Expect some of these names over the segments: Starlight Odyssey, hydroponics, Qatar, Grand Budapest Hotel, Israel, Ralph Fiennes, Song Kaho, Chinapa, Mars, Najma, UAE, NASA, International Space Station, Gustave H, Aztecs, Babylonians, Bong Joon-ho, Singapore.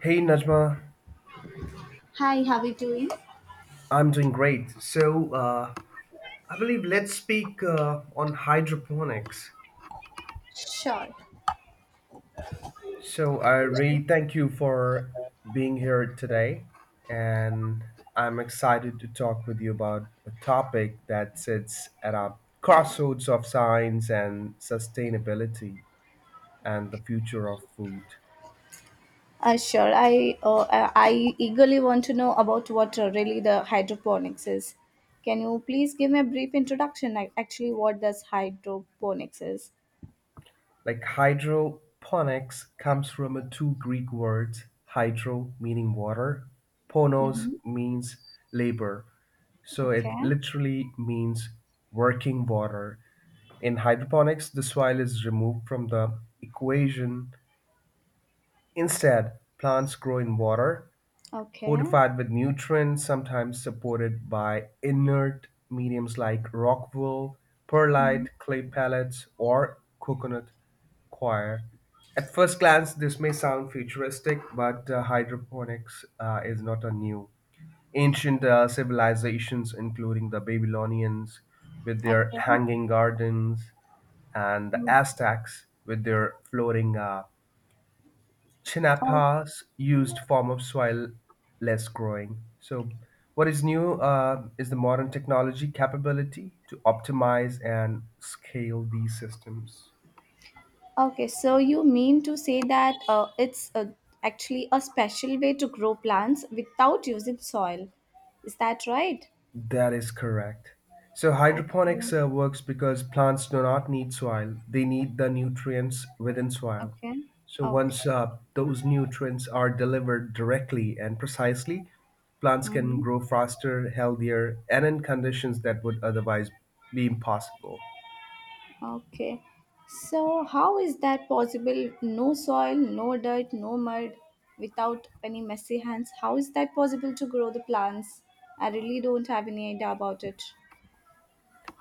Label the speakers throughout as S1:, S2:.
S1: Hey Najma,
S2: Hi, how are you doing?
S1: I'm doing great. I believe let's speak on hydroponics.
S2: Sure.
S1: So I really thank you for being here today, and I'm excited to talk with you about a topic that sits at a crossroads of science and sustainability and the future of food.
S2: Sure. I eagerly want to know about what really the hydroponics is. Can you please give me a brief introduction? Like, actually, what does hydroponics is?
S1: Like hydroponics comes from a two Greek words, hydro meaning water, ponos
S2: Mm-hmm.
S1: means labor. So
S2: Okay.
S1: it literally means working water. In hydroponics, the soil is removed from the equation. Instead, plants grow in water
S2: Okay.
S1: fortified with nutrients sometimes supported by inert mediums like rock wool,
S2: Mhm.
S1: perlite, clay pellets, or coconut coir. At first glance, this may sound futuristic, but hydroponics is not a new. Ancient civilizations, including the Babylonians with their
S2: Okay.
S1: hanging gardens, and the
S2: Mm.
S1: Aztecs with their floating
S2: Oh,
S1: Chinapa's used form of soil less growing. So, what is new is the modern technology capability to optimize and scale these systems.
S2: okay. So you mean to say that it's actually a special way to grow plants without using soil? Is that right?
S1: That is correct. So, hydroponics
S2: Okay.
S1: works because plants do not need soil, they need the nutrients within soil.
S2: Okay.
S1: So, once
S2: Okay.
S1: those nutrients are delivered directly and precisely, plants can
S2: Mm-hmm.
S1: grow faster, healthier, and in conditions that would otherwise be impossible.
S2: Okay. So, how is that possible? No soil, no dirt, no mud, without any messy hands. How is that possible to grow the plants? I really don't have any idea about it.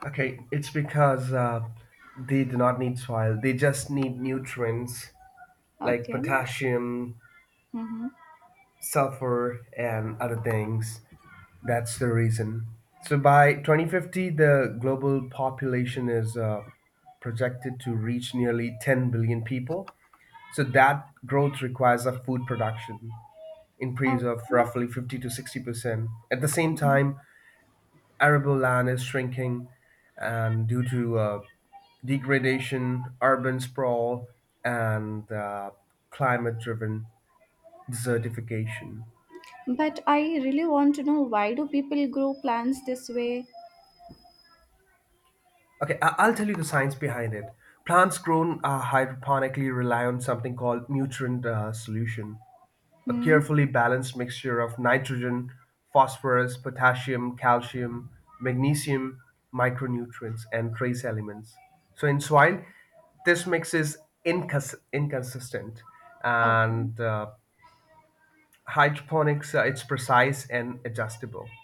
S1: Okay, it's because they do not need soil. They just need nutrients like
S2: Okay.
S1: potassium,
S2: Mm-hmm.
S1: sulfur, and other things. That's the reason. So by 2050, the global population is projected to reach nearly 10 billion people. So that growth requires a food production
S2: Okay.
S1: increase of roughly 50 to 60%. At the same time, arable land is shrinking, and due to degradation, urban sprawl, and climate driven desertification.
S2: But I really want to know why do people grow plants this way?
S1: Okay, I'll tell you the science behind it. Plants grown hydroponically rely on something called nutrient solution, a
S2: Hmm.
S1: carefully balanced mixture of nitrogen, phosphorus, potassium, calcium, magnesium, micronutrients, and trace elements. So in soil, this mix is inconsistent,
S2: Okay.
S1: and hydroponics it's precise and adjustable.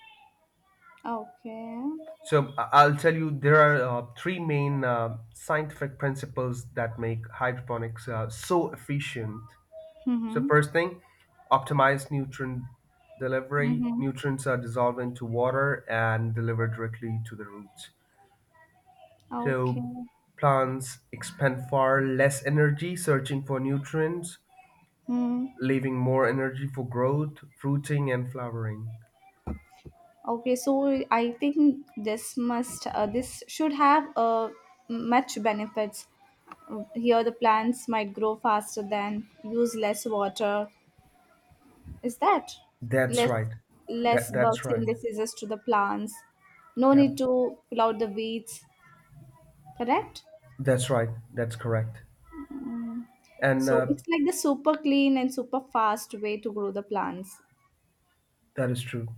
S2: Okay.
S1: So I'll tell you there are three main scientific principles that make hydroponics so efficient. So
S2: Mm-hmm.
S1: first thing, optimize nutrient delivery.
S2: Mm-hmm.
S1: Nutrients are dissolved into water and delivered directly to the roots. So
S2: Okay.
S1: plants expend far less energy searching for nutrients,
S2: Hmm.
S1: leaving more energy for growth, fruiting, and flowering.
S2: Okay, so I think this should have much benefits. Here, the plants might grow faster than use less water. Is that
S1: That's
S2: less
S1: right.
S2: less
S1: That that's
S2: bugs
S1: right.
S2: and diseases to the plants? No
S1: Yeah,
S2: need to pull out the weeds. Correct.
S1: that's right. That's correct.
S2: Mm.
S1: And
S2: So it's like the super clean and super fast way to grow the plants.
S1: that is true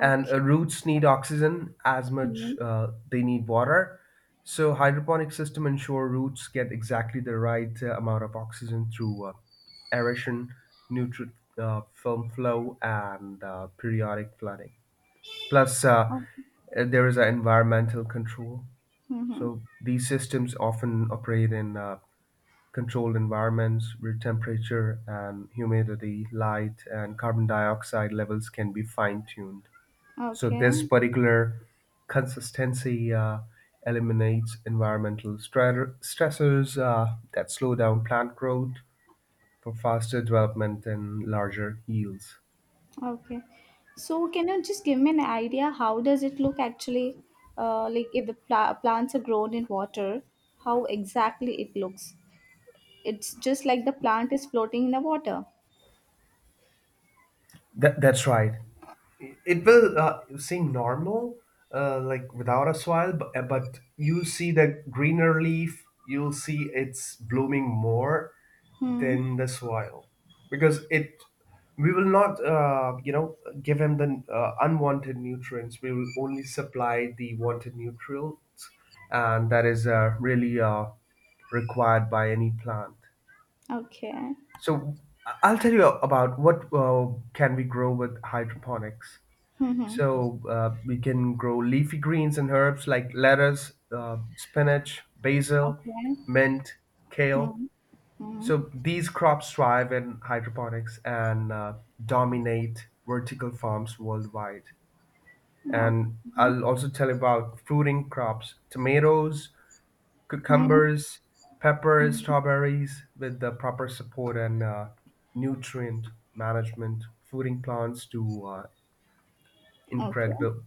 S1: and uh, roots need oxygen as much
S2: Mhm.
S1: they need water so hydroponic system ensure roots get exactly the right amount of oxygen through aeration nutrient film flow and periodic flooding plus
S2: Oh,
S1: there is an environmental control.
S2: mhm.
S1: So these systems often operate in controlled environments where temperature and humidity, light, and carbon dioxide levels can be fine tuned. So
S2: Okay.
S1: this particular consistency eliminates environmental stressors that slow down plant growth for faster development and larger yields.
S2: Okay. So can you just give me an idea how does it look actually like if the plants are grown in water, how exactly it looks? It's just like the plant is floating in the water.
S1: That, that's right. It will seem normal like without a soil but you see the greener leaf you'll see it's blooming more
S2: Hmm.
S1: than the soil because it we will not give him the unwanted nutrients, we will only supply the wanted nutrients and that is really required by any plant.
S2: Okay.
S1: So I'll tell you about what can we grow with hydroponics.
S2: Mm-hmm.
S1: So we can grow leafy greens and herbs like lettuce, spinach, basil,
S2: Okay.
S1: mint, kale.
S2: Hmm. Hmm.
S1: So these crops thrive in hydroponics and dominate vertical farms worldwide. And
S2: Okay.
S1: I'll also tell you about fruiting crops, tomatoes,
S2: Hmm.
S1: cucumbers, peppers,
S2: Hmm.
S1: strawberries with the proper support and nutrient management, fruiting plants do
S2: Okay.
S1: incredible.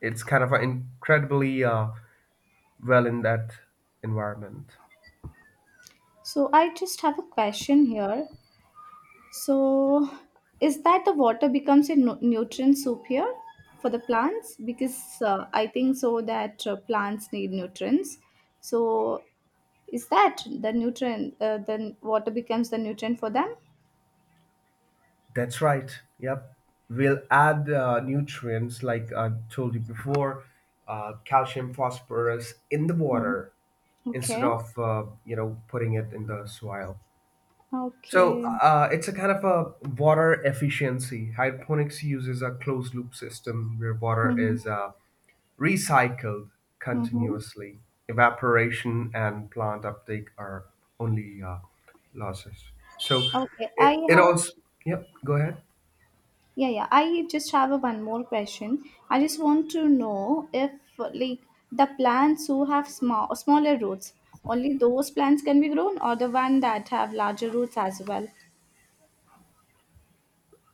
S1: It's kind of incredibly well in that environment.
S2: So I just have a question here. So, is that the water becomes a nutrient soup here for the plants? Because I think so that plants need nutrients. So, is that the nutrient? Then water becomes the nutrient for them.
S1: That's right. Yep. We'll add nutrients like I told you before, calcium, phosphorus in the
S2: Mhm.
S1: water instead
S2: Okay.
S1: of putting it in the soil. So
S2: Okay.
S1: it's a kind of a water efficiency. Hydroponics uses a closed loop system where water
S2: Mm-hmm.
S1: is recycled
S2: Mm-hmm.
S1: continuously, evaporation and plant uptake are only losses. So
S2: Okay.
S1: it,
S2: I
S1: it
S2: have.
S1: also, yep, go ahead.
S2: Yeah, yeah. I just have a one more question. I just want to know if like the plants who have smaller roots, only those plants can be grown or the one that have larger roots as well.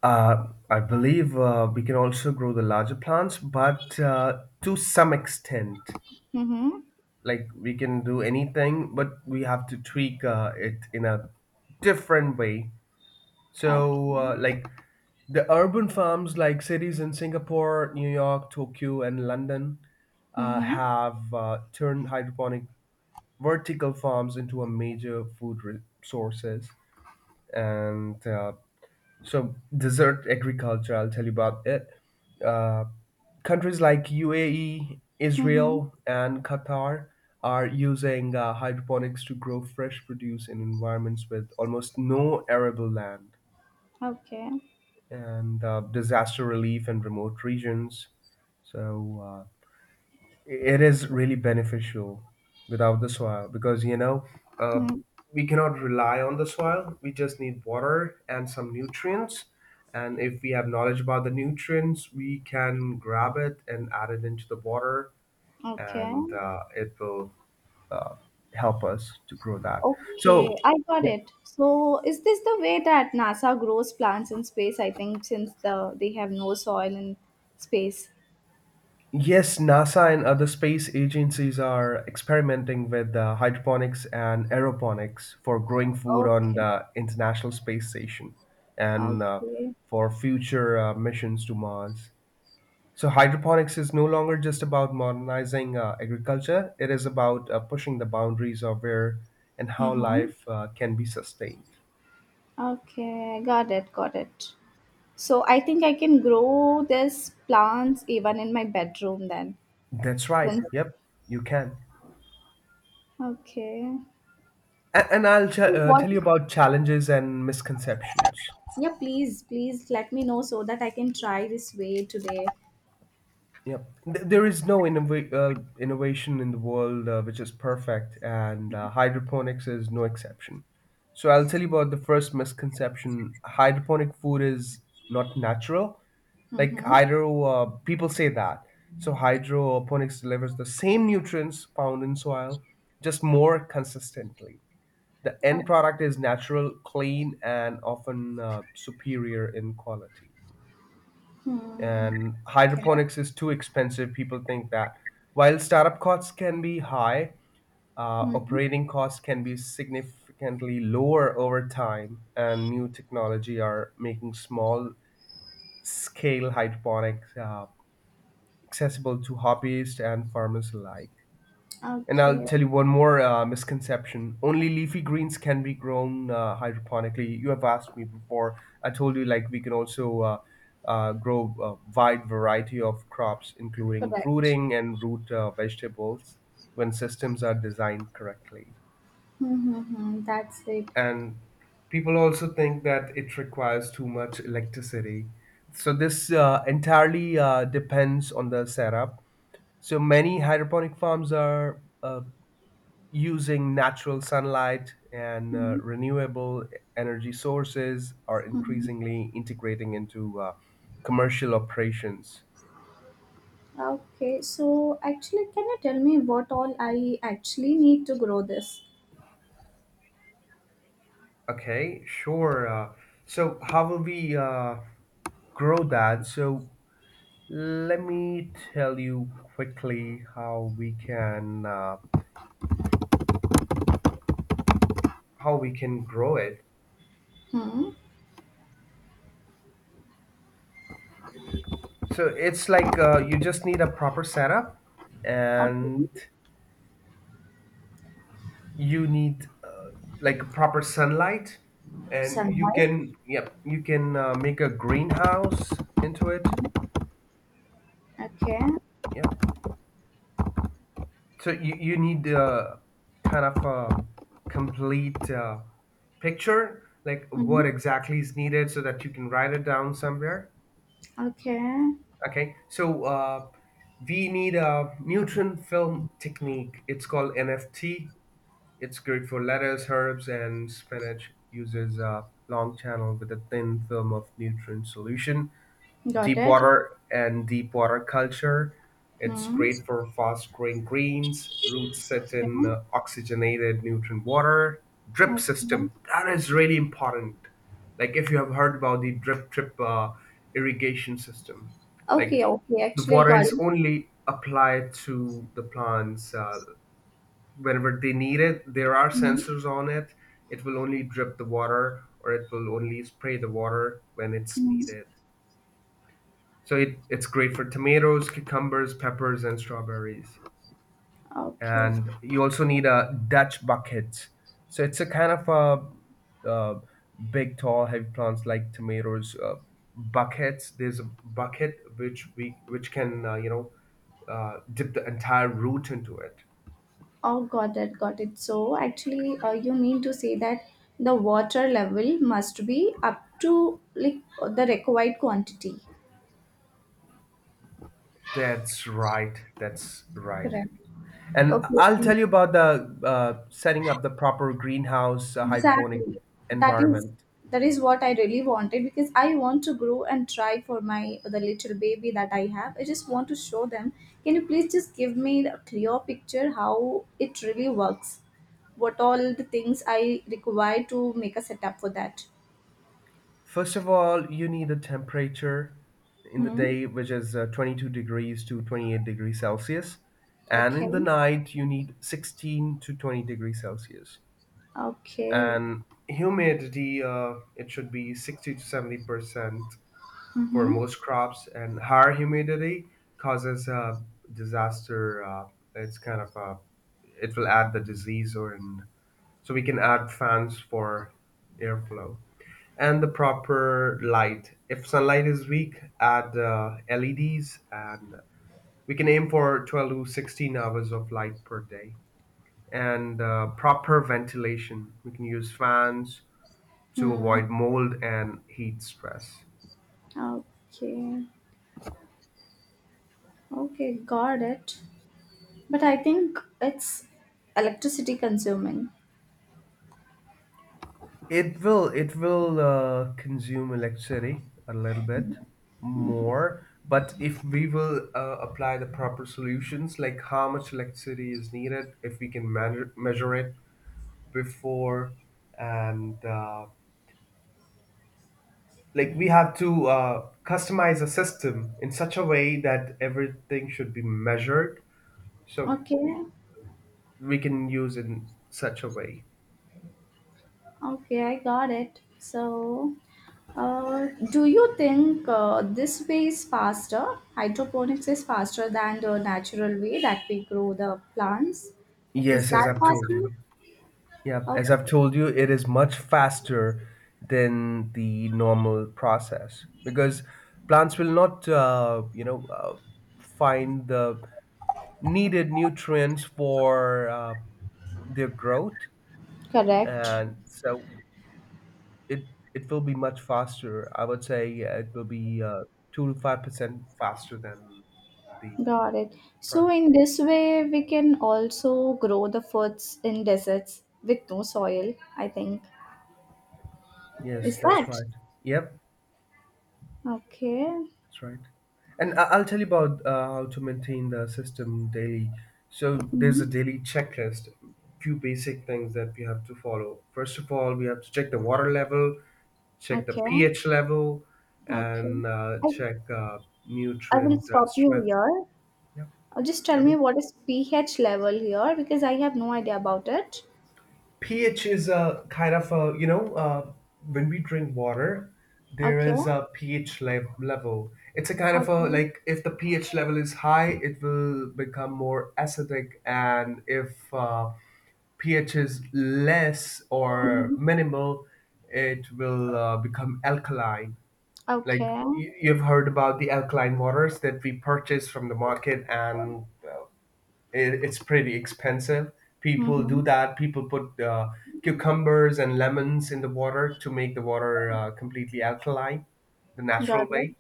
S1: I believe we can also grow the larger plants, but to some extent,
S2: Mm-hmm.
S1: like we can do anything, but we have to tweak it in a different way.
S2: Okay.
S1: So, like the urban farms, like cities in Singapore, New York, Tokyo, and London,
S2: Mm-hmm.
S1: have turned hydroponic vertical farms into a major food sources. And so, dessert agriculture, I'll tell you about it. Uh, countries like UAE,
S2: Mm-hmm.
S1: Israel, and Qatar are using hydroponics to grow fresh produce in environments with almost no arable land.
S2: Okay.
S1: And disaster relief in remote regions. So it is really beneficial without the soil because you know uh,
S2: Mm.
S1: we cannot rely on the soil. We just need water and some nutrients. And if we have knowledge about the nutrients, we can grab it and add it into the water,
S2: Okay.
S1: and it will uh, help us to grow that.
S2: Okay.
S1: So,
S2: I got
S1: yeah,
S2: it. So is this the way that NASA grows plants in space? I think since they have no soil in space.
S1: yes, NASA and other space agencies are experimenting with hydroponics and aeroponics for growing food on
S2: Okay.
S1: the International Space Station and
S2: Okay.
S1: for future missions to Mars. So, hydroponics is no longer just about modernizing agriculture, it is about pushing the boundaries of where and how
S2: Mm-hmm.
S1: life can be sustained.
S2: Okay, got it, got it. So I think I can grow this plants even in my bedroom then.
S1: That's right.
S2: Since
S1: Yep, you can.
S2: okay.
S1: And I'll ch-
S2: So
S1: uh,
S2: what?
S1: tell you about challenges and misconceptions.
S2: Yeah, please, please let me know so that I can try this way today.
S1: Yep. There is no innovation in the world which is perfect, and hydroponics is no exception. So, I'll tell you about the first misconception, hydroponic food is not natural. Like,
S2: Mm-hmm.
S1: people say that. So, hydroponics delivers the same nutrients found in soil, just more consistently. The end product is natural, clean, and often superior in quality.
S2: Hmm.
S1: And
S2: Okay.
S1: hydroponics is too expensive, people think that. While startup costs can be high,
S2: Hmm. Hmm.
S1: operating costs can be significantly lower over time, and new technology are making small scale hydroponics accessible to hobbyists and farmers alike. And I'll
S2: Okay.
S1: tell you one more misconception. Only leafy greens can be grown hydroponically. You have asked me before. I told you like we can also grow a wide variety of crops, including
S2: Correct.
S1: fruiting and root vegetables, when systems are designed correctly.
S2: Mm-hmm. That's it.
S1: And people also think that it requires too much electricity. So this entirely depends on the setup. So many hydroponic farms are using natural sunlight and renewable energy sources are
S2: Mm-hmm.
S1: increasingly integrating into commercial operations.
S2: Okay. So actually, can you tell me what all I actually need to grow this?
S1: Okay, sure. So, how will we grow that? So, let me tell you quickly how we can grow it.
S2: Hmm.
S1: So, it's like you just need a proper setup and
S2: Okay.
S1: you need like proper sunlight and you
S2: Sunlight.
S1: can yep you can make a greenhouse into it.
S2: Mhm. Okay.
S1: Yep, so you need kind of a complete picture like what
S2: Mhm.
S1: exactly is needed so that you can write it down somewhere.
S2: Okay.
S1: Okay, so we need a nutrient film technique, it's called NFT. It's great for lettuce, herbs, and spinach. Uses a long channel with a thin film of nutrient solution.
S2: Got
S1: Deep
S2: it.
S1: water and deep water culture. It's
S2: Mhm.
S1: great for fast growing greens. Roots set in
S2: Okay.
S1: oxygenated nutrient water. Drip system.
S2: Okay.
S1: That is really important. Like if you have heard about the drip irrigation system, like
S2: Okay. Okay.
S1: the
S2: Actually,
S1: water
S2: got
S1: is
S2: it.
S1: only applied to the plants whenever they need it. There are
S2: Mhm.
S1: sensors on it. It will only drip the water or it will only spray the water when it's
S2: Mhm.
S1: needed. So it's great for tomatoes, cucumbers, peppers, and strawberries.
S2: Okay.
S1: And you also need a Dutch bucket. So it's a kind of a, big, tall, heavy plants like tomatoes. Buckets. There's a bucket which we which can dip the entire root into it.
S2: Oh, got it. Got it. So, actually, you mean to say that the water level must be up to like the required quantity.
S1: That's right. That's right.
S2: Correct.
S1: And I'll
S2: Okay.
S1: tell you about the setting up the proper greenhouse hydroponic
S2: Exactly. That is
S1: environment.
S2: that is what I really wanted because I want to grow and try for my the little baby that I have. I just want to show them. Can you please just give me a clear picture how it really works? What all the things I require to make a setup for that?
S1: First of all, you need a temperature in the
S2: Hmm.
S1: day, which is 22 degrees to 28 degrees Celsius. And in the
S2: Okay.
S1: night, you need 16 to 20 degrees Celsius.
S2: Okay.
S1: And humidity, it should be 60 to 70% for
S2: Mm-hmm.
S1: most crops, and higher humidity causes a disaster. It's kind of a it will add the disease, or in, so we can add fans for airflow and the proper light. If sunlight is weak, add LEDs, and we can aim for 12 to 16 hours of light per day. And proper ventilation, we can use fans to
S2: Hmm.
S1: avoid mold and heat stress.
S2: Okay. Okay. Got it. But I think it's electricity consuming.
S1: It will consume electricity a little bit more, but if we will apply the proper solutions, like how much electricity is needed, if we can measure it before, and like we have to customize a system in such a way that everything should be measured, so
S2: Okay.
S1: we can use in such a way.
S2: Okay, I got it. So, do you think this way is faster? Hydroponics is faster than the natural way that we grow the plants. Is
S1: Yes, as
S2: that
S1: I've told
S2: faster?
S1: you. Yeah, as
S2: Okay.
S1: I've told you, it is much faster than the normal process because plants will not find the needed nutrients for their growth,
S2: Correct.
S1: and so it it will be much faster. I would say it will be 2 to 5% faster than the
S2: Got it. So,
S1: plant.
S2: in this way, we can also grow the foods in deserts with no soil, I think.
S1: Yes,
S2: Is
S1: that's
S2: that?
S1: right. Yep.
S2: Okay.
S1: That's right. And I'll tell you about how to maintain the system daily. So there's a
S2: Hmm.
S1: daily checklist, few basic things that we have to follow. First of all, we have to check the water level, check the
S2: Okay.
S1: pH level,
S2: Okay.
S1: and
S2: I,
S1: check
S2: I will
S1: nutrient
S2: stop you
S1: strength.
S2: here.
S1: Yeah,
S2: Just tell
S1: tell me.
S2: me what is pH level here because I have no idea about it.
S1: pH is a kind of a when we drink water, there
S2: Okay.
S1: is a level. It's a kind of a,
S2: Okay.
S1: like, if the pH level is high, it will become more acidic. And if pH is less or
S2: Hmm.
S1: minimal, it will become alkaline. Like,
S2: Okay.
S1: you've heard about the alkaline waters that we purchase from the market, and it's pretty expensive. People
S2: Hmm.
S1: do that. People put cucumbers and lemons in the water to make the water completely alkaline, the natural
S2: Got it.
S1: way.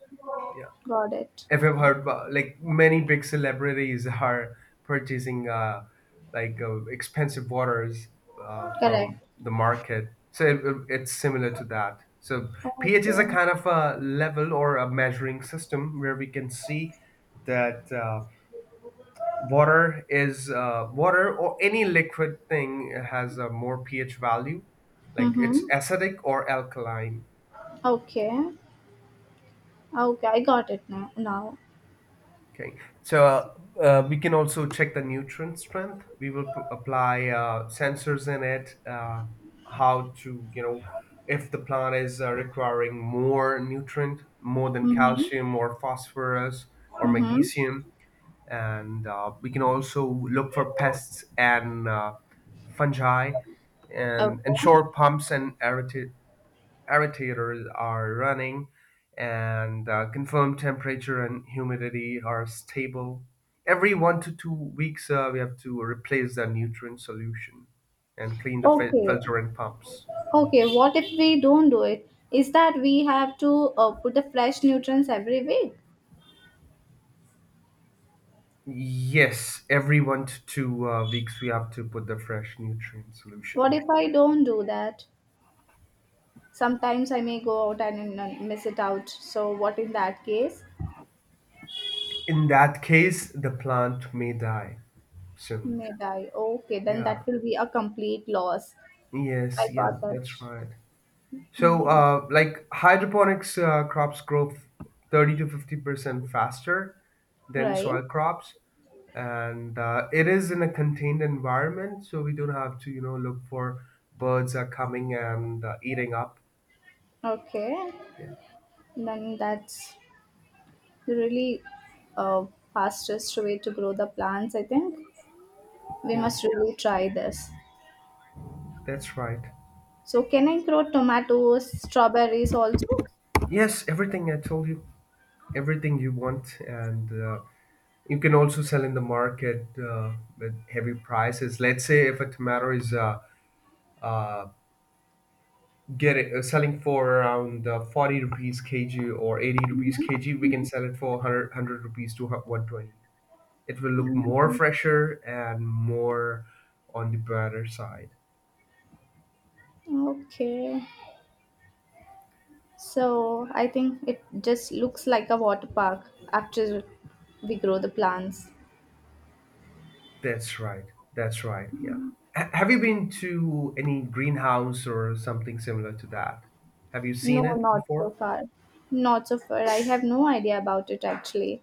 S1: Yeah.
S2: Got it.
S1: If I've heard about, like, many big celebrities are purchasing like expensive waters from
S2: Correct.
S1: the market. So it's similar to that. So pH is a
S2: Okay.
S1: kind of a level or a measuring system where we can see that water is water or any liquid thing has a more ph value, like it's
S2: Mm-hmm.
S1: acidic or alkaline.
S2: Okay. Okay. I got it now. Now.
S1: Okay, so we can also check the nutrient strength. We will apply sensors in it how to you know If the plant is requiring more nutrient, more than
S2: Mm-hmm.
S1: calcium or phosphorus or
S2: Mm-hmm.
S1: magnesium, and we can also look for pests and fungi, and
S2: Okay.
S1: ensure pumps and aerators are running, and confirm temperature and humidity are stable. Every 1 to 2 weeks we have to replace the nutrient solution and clean the
S2: Okay.
S1: filter and pumps.
S2: Okay. What if we don't do it? Is that we have to put the fresh nutrients every week?
S1: Yes, every one to two weeks we have to put the fresh nutrient
S2: What
S1: solution.
S2: if I don't do that? Sometimes I may go out and miss it out. So what in that case?
S1: In that case, the plant may die soon.
S2: May die. Okay, then
S1: Yeah.
S2: that will be a complete loss. I
S1: Yes. Yeah.
S2: got that.
S1: That's right. So,
S2: Hmm.
S1: like, hydroponics crops grow 30 to 50% faster than
S2: Right.
S1: soil crops, and it is in a contained environment, so we don't have to, you know, look for birds are coming and eating up.
S2: Okay.
S1: Yeah.
S2: Then that's really uh, fastest way to grow the plants. I think we
S1: Yeah.
S2: must really try this.
S1: That's right.
S2: So can I grow tomatoes, strawberries also?
S1: Yes. Everything I told you. Everything you want, and you can also sell in the market with heavy prices. Let's say if a tomato is uh, getting selling for around 40 rupees kg or 80 rupees
S2: Mhm.
S1: kg, we can sell it for 100, 100 rupees to 120. It will look more
S2: Mhm.
S1: fresher and more on the better side.
S2: Okay. So I think it just looks like a water park after we grow the plants.
S1: That's right. That's right. Yeah. Have you been to any greenhouse or something similar to that? Have you seen
S2: No,
S1: it
S2: not so
S1: before?
S2: far. Not so far. I have no idea about it actually.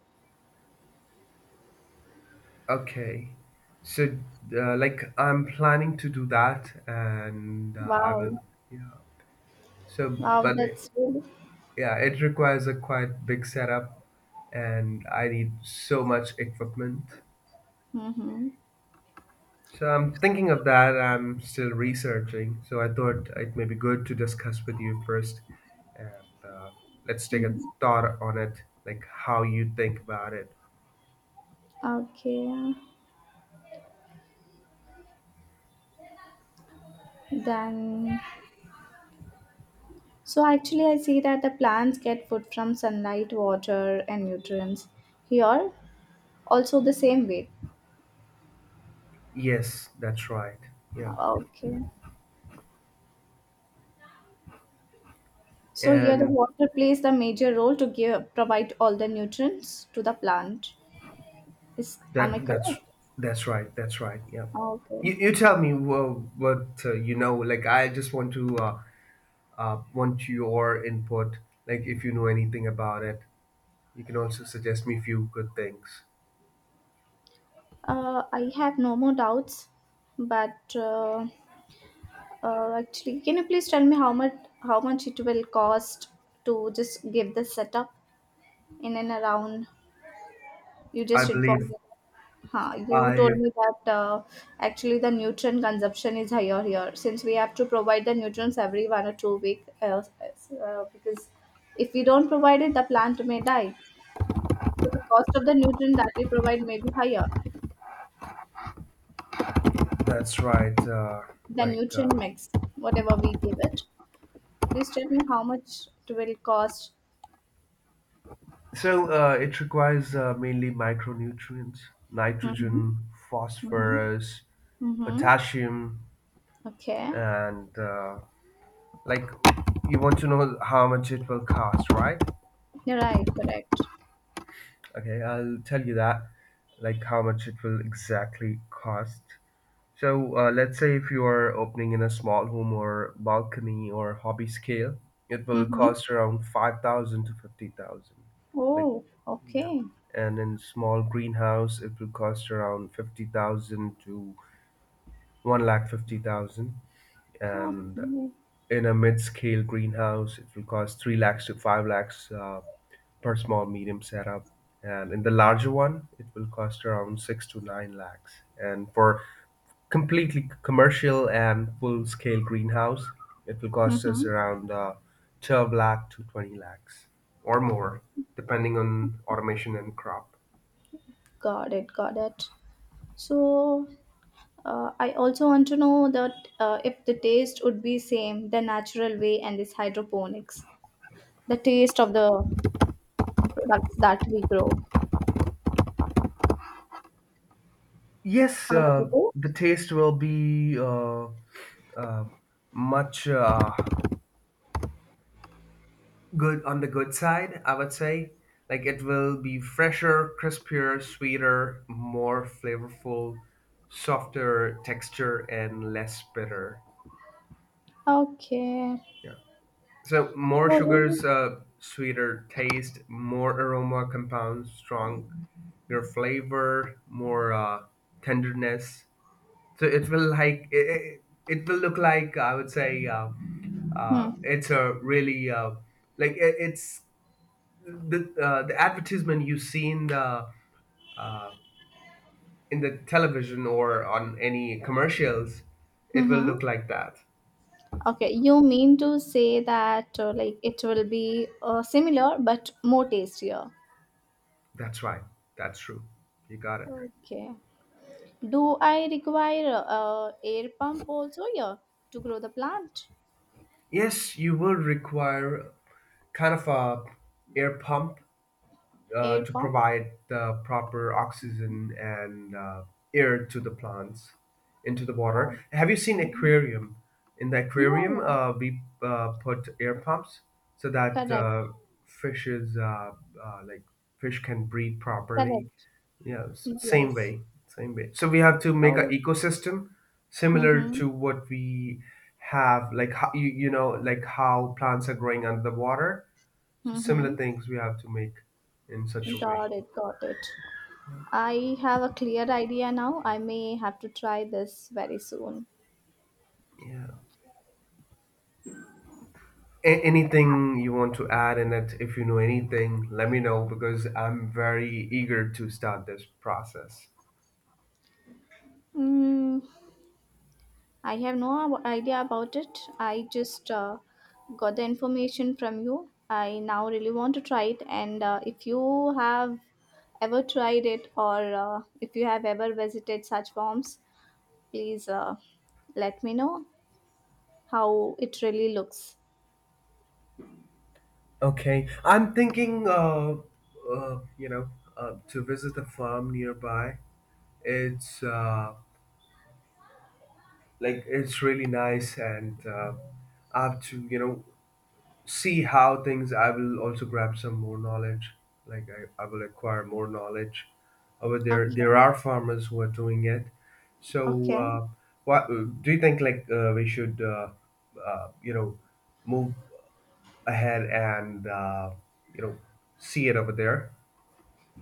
S1: Okay. So, like, I'm planning to do that, and I will,
S2: Wow.
S1: yeah. So,
S2: Wow,
S1: but
S2: that's really.
S1: yeah, it requires a quite big setup, and I need so much equipment.
S2: Mm-hmm.
S1: So, I'm thinking of that. I'm still researching. So, I thought it may be good to discuss with you first, and let's take a thought on it, like how you think about it.
S2: Okay. Then, so actually, I see that the plants get food from sunlight, water, and nutrients. Here, also the same way.
S1: Yes, that's right. Yeah.
S2: Okay. So here the
S1: And
S2: water plays the major role to give provide all the nutrients to the plant. Is am I
S1: That
S2: correct?
S1: that's that's right. That's right. Yeah.
S2: Okay.
S1: You tell me what you know. Like, I just want to want your input. Like, if you know anything about it, you can also suggest me few good things.
S2: I have no more doubts, but actually, can you please tell me how much it will cost to just give the setup in and around? You
S1: I
S2: just informed
S1: believe
S2: me. Huh, you told
S1: I.
S2: me that actually the nutrient consumption is higher here since we have to provide the nutrients every 1 or 2 week because if we don't provide it, the plant may die. So the cost of the nutrient that we provide may be higher
S1: That's right.
S2: than
S1: Like
S2: nutrient mix, whatever we give it. Please tell me how much it will cost.
S1: so, it requires mainly micronutrients:
S2: Mm-hmm.
S1: nitrogen,
S2: Mm-hmm.
S1: phosphorus,
S2: Mm-hmm.
S1: potassium,
S2: Okay.
S1: and like, you want to know how much it will cost, right?
S2: You're right. Correct.
S1: Okay, I'll tell you that, like how much it will exactly cost. So, let's say if you are opening in a small home or balcony or hobby scale, it will
S2: Mm-hmm.
S1: cost around 5,000 to 50,000. Like,
S2: Oh,
S1: yeah.
S2: okay.
S1: And in small greenhouse, it will cost around 50,000 to 1,50,000. And
S2: Okay.
S1: in a mid-scale greenhouse, it will cost 3 lakhs to 5 lakhs per small medium setup, and in the larger one, it will cost around 6 to 9 lakhs. And for completely commercial and full-scale greenhouse, it will cost
S2: Mm-hmm.
S1: us around 12 lakh to 20 lakhs or more, depending on automation and crop.
S2: Got it, got it. So, I also want to know that if the taste would be same the natural way and this hydroponics, the taste of the products that we grow.
S1: Yes,
S2: How about the
S1: the
S2: taste?
S1: taste will be uh, much. Good on the good side, I would say. Like, it will be fresher, crispier, sweeter, more flavorful, softer texture, and less bitter.
S2: Okay.
S1: Yeah. So more
S2: So
S1: sugars,
S2: you.
S1: sweeter taste, more aroma compounds, strong your flavor, more tenderness. So it will it will look like, I would say
S2: Hmm.
S1: it's a really like it's the advertisement you see uh, in the television or on any commercials. It will
S2: Mm-hmm.
S1: look like that.
S2: Okay, you mean to say that like it will be similar but more tastier.
S1: That's right. That's true. You got it.
S2: Okay. Do I require air pump also here to grow the plant?
S1: Yes, you will require kind of a air pump
S2: Air
S1: to
S2: pump?
S1: provide the proper oxygen and air to the plants into the water. Have you seen
S2: Mhm.
S1: aquarium? In the
S2: Yeah,
S1: aquarium,
S2: yeah.
S1: we put air pumps so that
S2: Correct.
S1: fishes, like fish, can breathe properly.
S2: Correct.
S1: Yeah, same
S2: Yes.
S1: way, same way. So we have to make an ecosystem similar
S2: Mm-hmm.
S1: to what we have, like how, you know, like how plants are growing under the water, so
S2: Mm-hmm.
S1: similar things we have to make in such a way.
S2: Got it. Got it.
S1: Yeah.
S2: I have a clear idea now. I may have to try this very soon.
S1: Yeah. Anything you want to add in it? If you know anything, let me know because I'm very eager to start this process.
S2: Mm, I have no idea about it. I just got the information from you. I now really want to try it. And if you have ever tried it or if you have ever visited such farms, please let me know how it really looks.
S1: Okay, I'm thinking, you know, to visit a farm nearby. It's like, it's really nice, and I have to, you know, see how things. I will also grab some more knowledge. Like, I will acquire more knowledge over there. There
S2: Okay,
S1: are farmers who are doing it. So
S2: okay.
S1: what do you think, like we should you know, move ahead and you know, see it over there.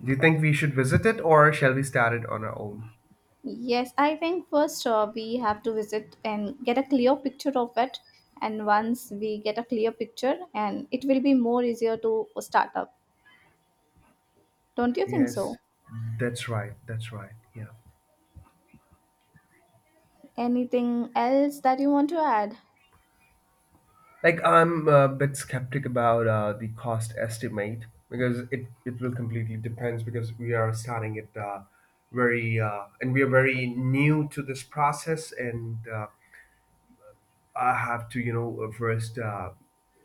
S1: Do you think we should visit it, or shall we start it on our own?
S2: Yes, I think first we have to visit and get a clear picture of it. And once we get a clear picture, and it will be more easier to start up. Don't you think
S1: Yes,
S2: so?
S1: that's right. That's right. Yeah.
S2: Anything else that you want to add?
S1: Like, I'm a bit skeptic about the cost estimate because it will completely depends, because we are starting it very and we are very new to this process, and I have to, you know, first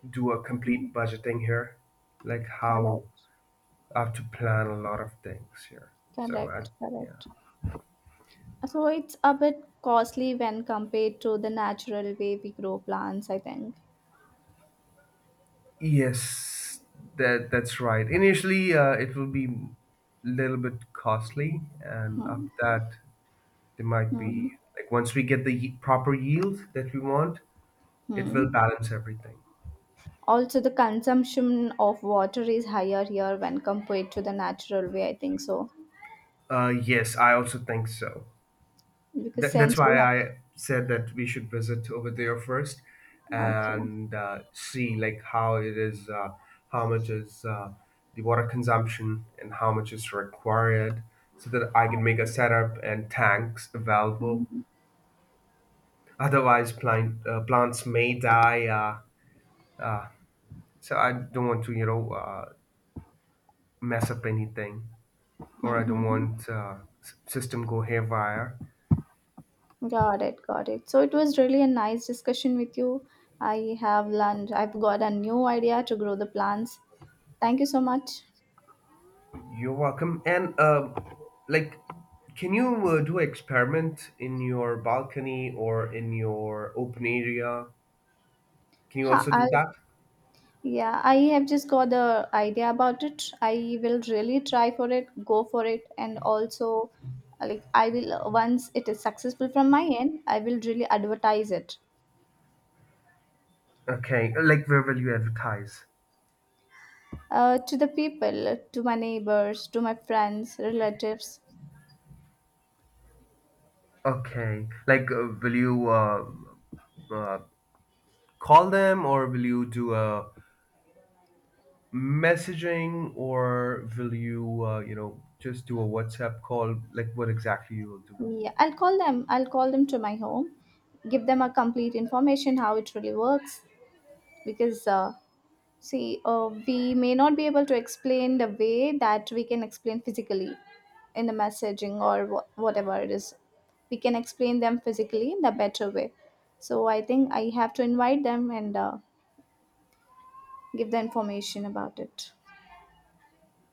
S1: do a
S2: Hmm,
S1: complete budgeting here, like how
S2: Correct,
S1: I have to plan a lot of things here. So I,
S2: correct,
S1: yeah,
S2: correct. So it's a bit costly when compared to the natural way we grow plants, I think.
S1: yes, that's right. Initially, it will be little bit costly, and
S2: Hmm.
S1: after that there might be,
S2: Hmm.
S1: like, once we get the proper yield that we want, it will
S2: Hmm.
S1: balance everything.
S2: Also, the consumption of water is higher here when compared to the natural way, I think so.
S1: Yes, I also think so.
S2: Because
S1: That's
S2: since we
S1: why
S2: have.
S1: I said that we should visit over there first
S2: Okay.
S1: and see like how it is, how much is the water consumption and how much is required, so that I can make a setup and tanks available.
S2: Mm-hmm.
S1: Otherwise, plants may die. So I don't want to, you know, mess up anything, or I don't
S2: Mm-hmm.
S1: want system go haywire.
S2: Got it, got it. So it was really a nice discussion with you. I have learned, I've got a new idea to grow the plants. Thank you so much.
S1: You're welcome. And like, can you do experiment in your balcony or in your open area? Can you
S2: Ha,
S1: also do
S2: I'll
S1: that?
S2: Yeah, I have just got the idea about it. I will really try for it, go for it, and also, like, I will once it is successful from my end, I will really advertise it
S1: Okay, like, where will you advertise?
S2: to the people, to my neighbors, to my friends, relatives.
S1: Okay, like will you uh, call them, or will you do a messaging, or will you you know, just do a WhatsApp call? Like, what exactly you will do?
S2: Yeah, I'll call them. I'll call them to my home, give them a complete information how it really works because see, we may not be able to explain the way that we can explain physically in the messaging or whatever it is. We can explain them physically in the better way. So I think I have to invite them and give the information about it.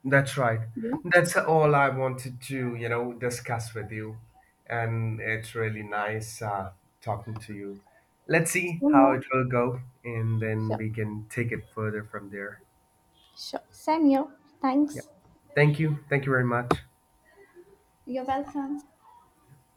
S1: That's right.
S2: Yeah,
S1: That's all I wanted to, you know, discuss with you. And it's really nice talking to you. Let's
S2: same
S1: see how
S2: here.
S1: it will go, and then
S2: Sure,
S1: we can take it further from there.
S2: sure. Same here.
S1: Yeah.
S2: Thanks.
S1: Thank you. Thank you very much.
S2: You're welcome.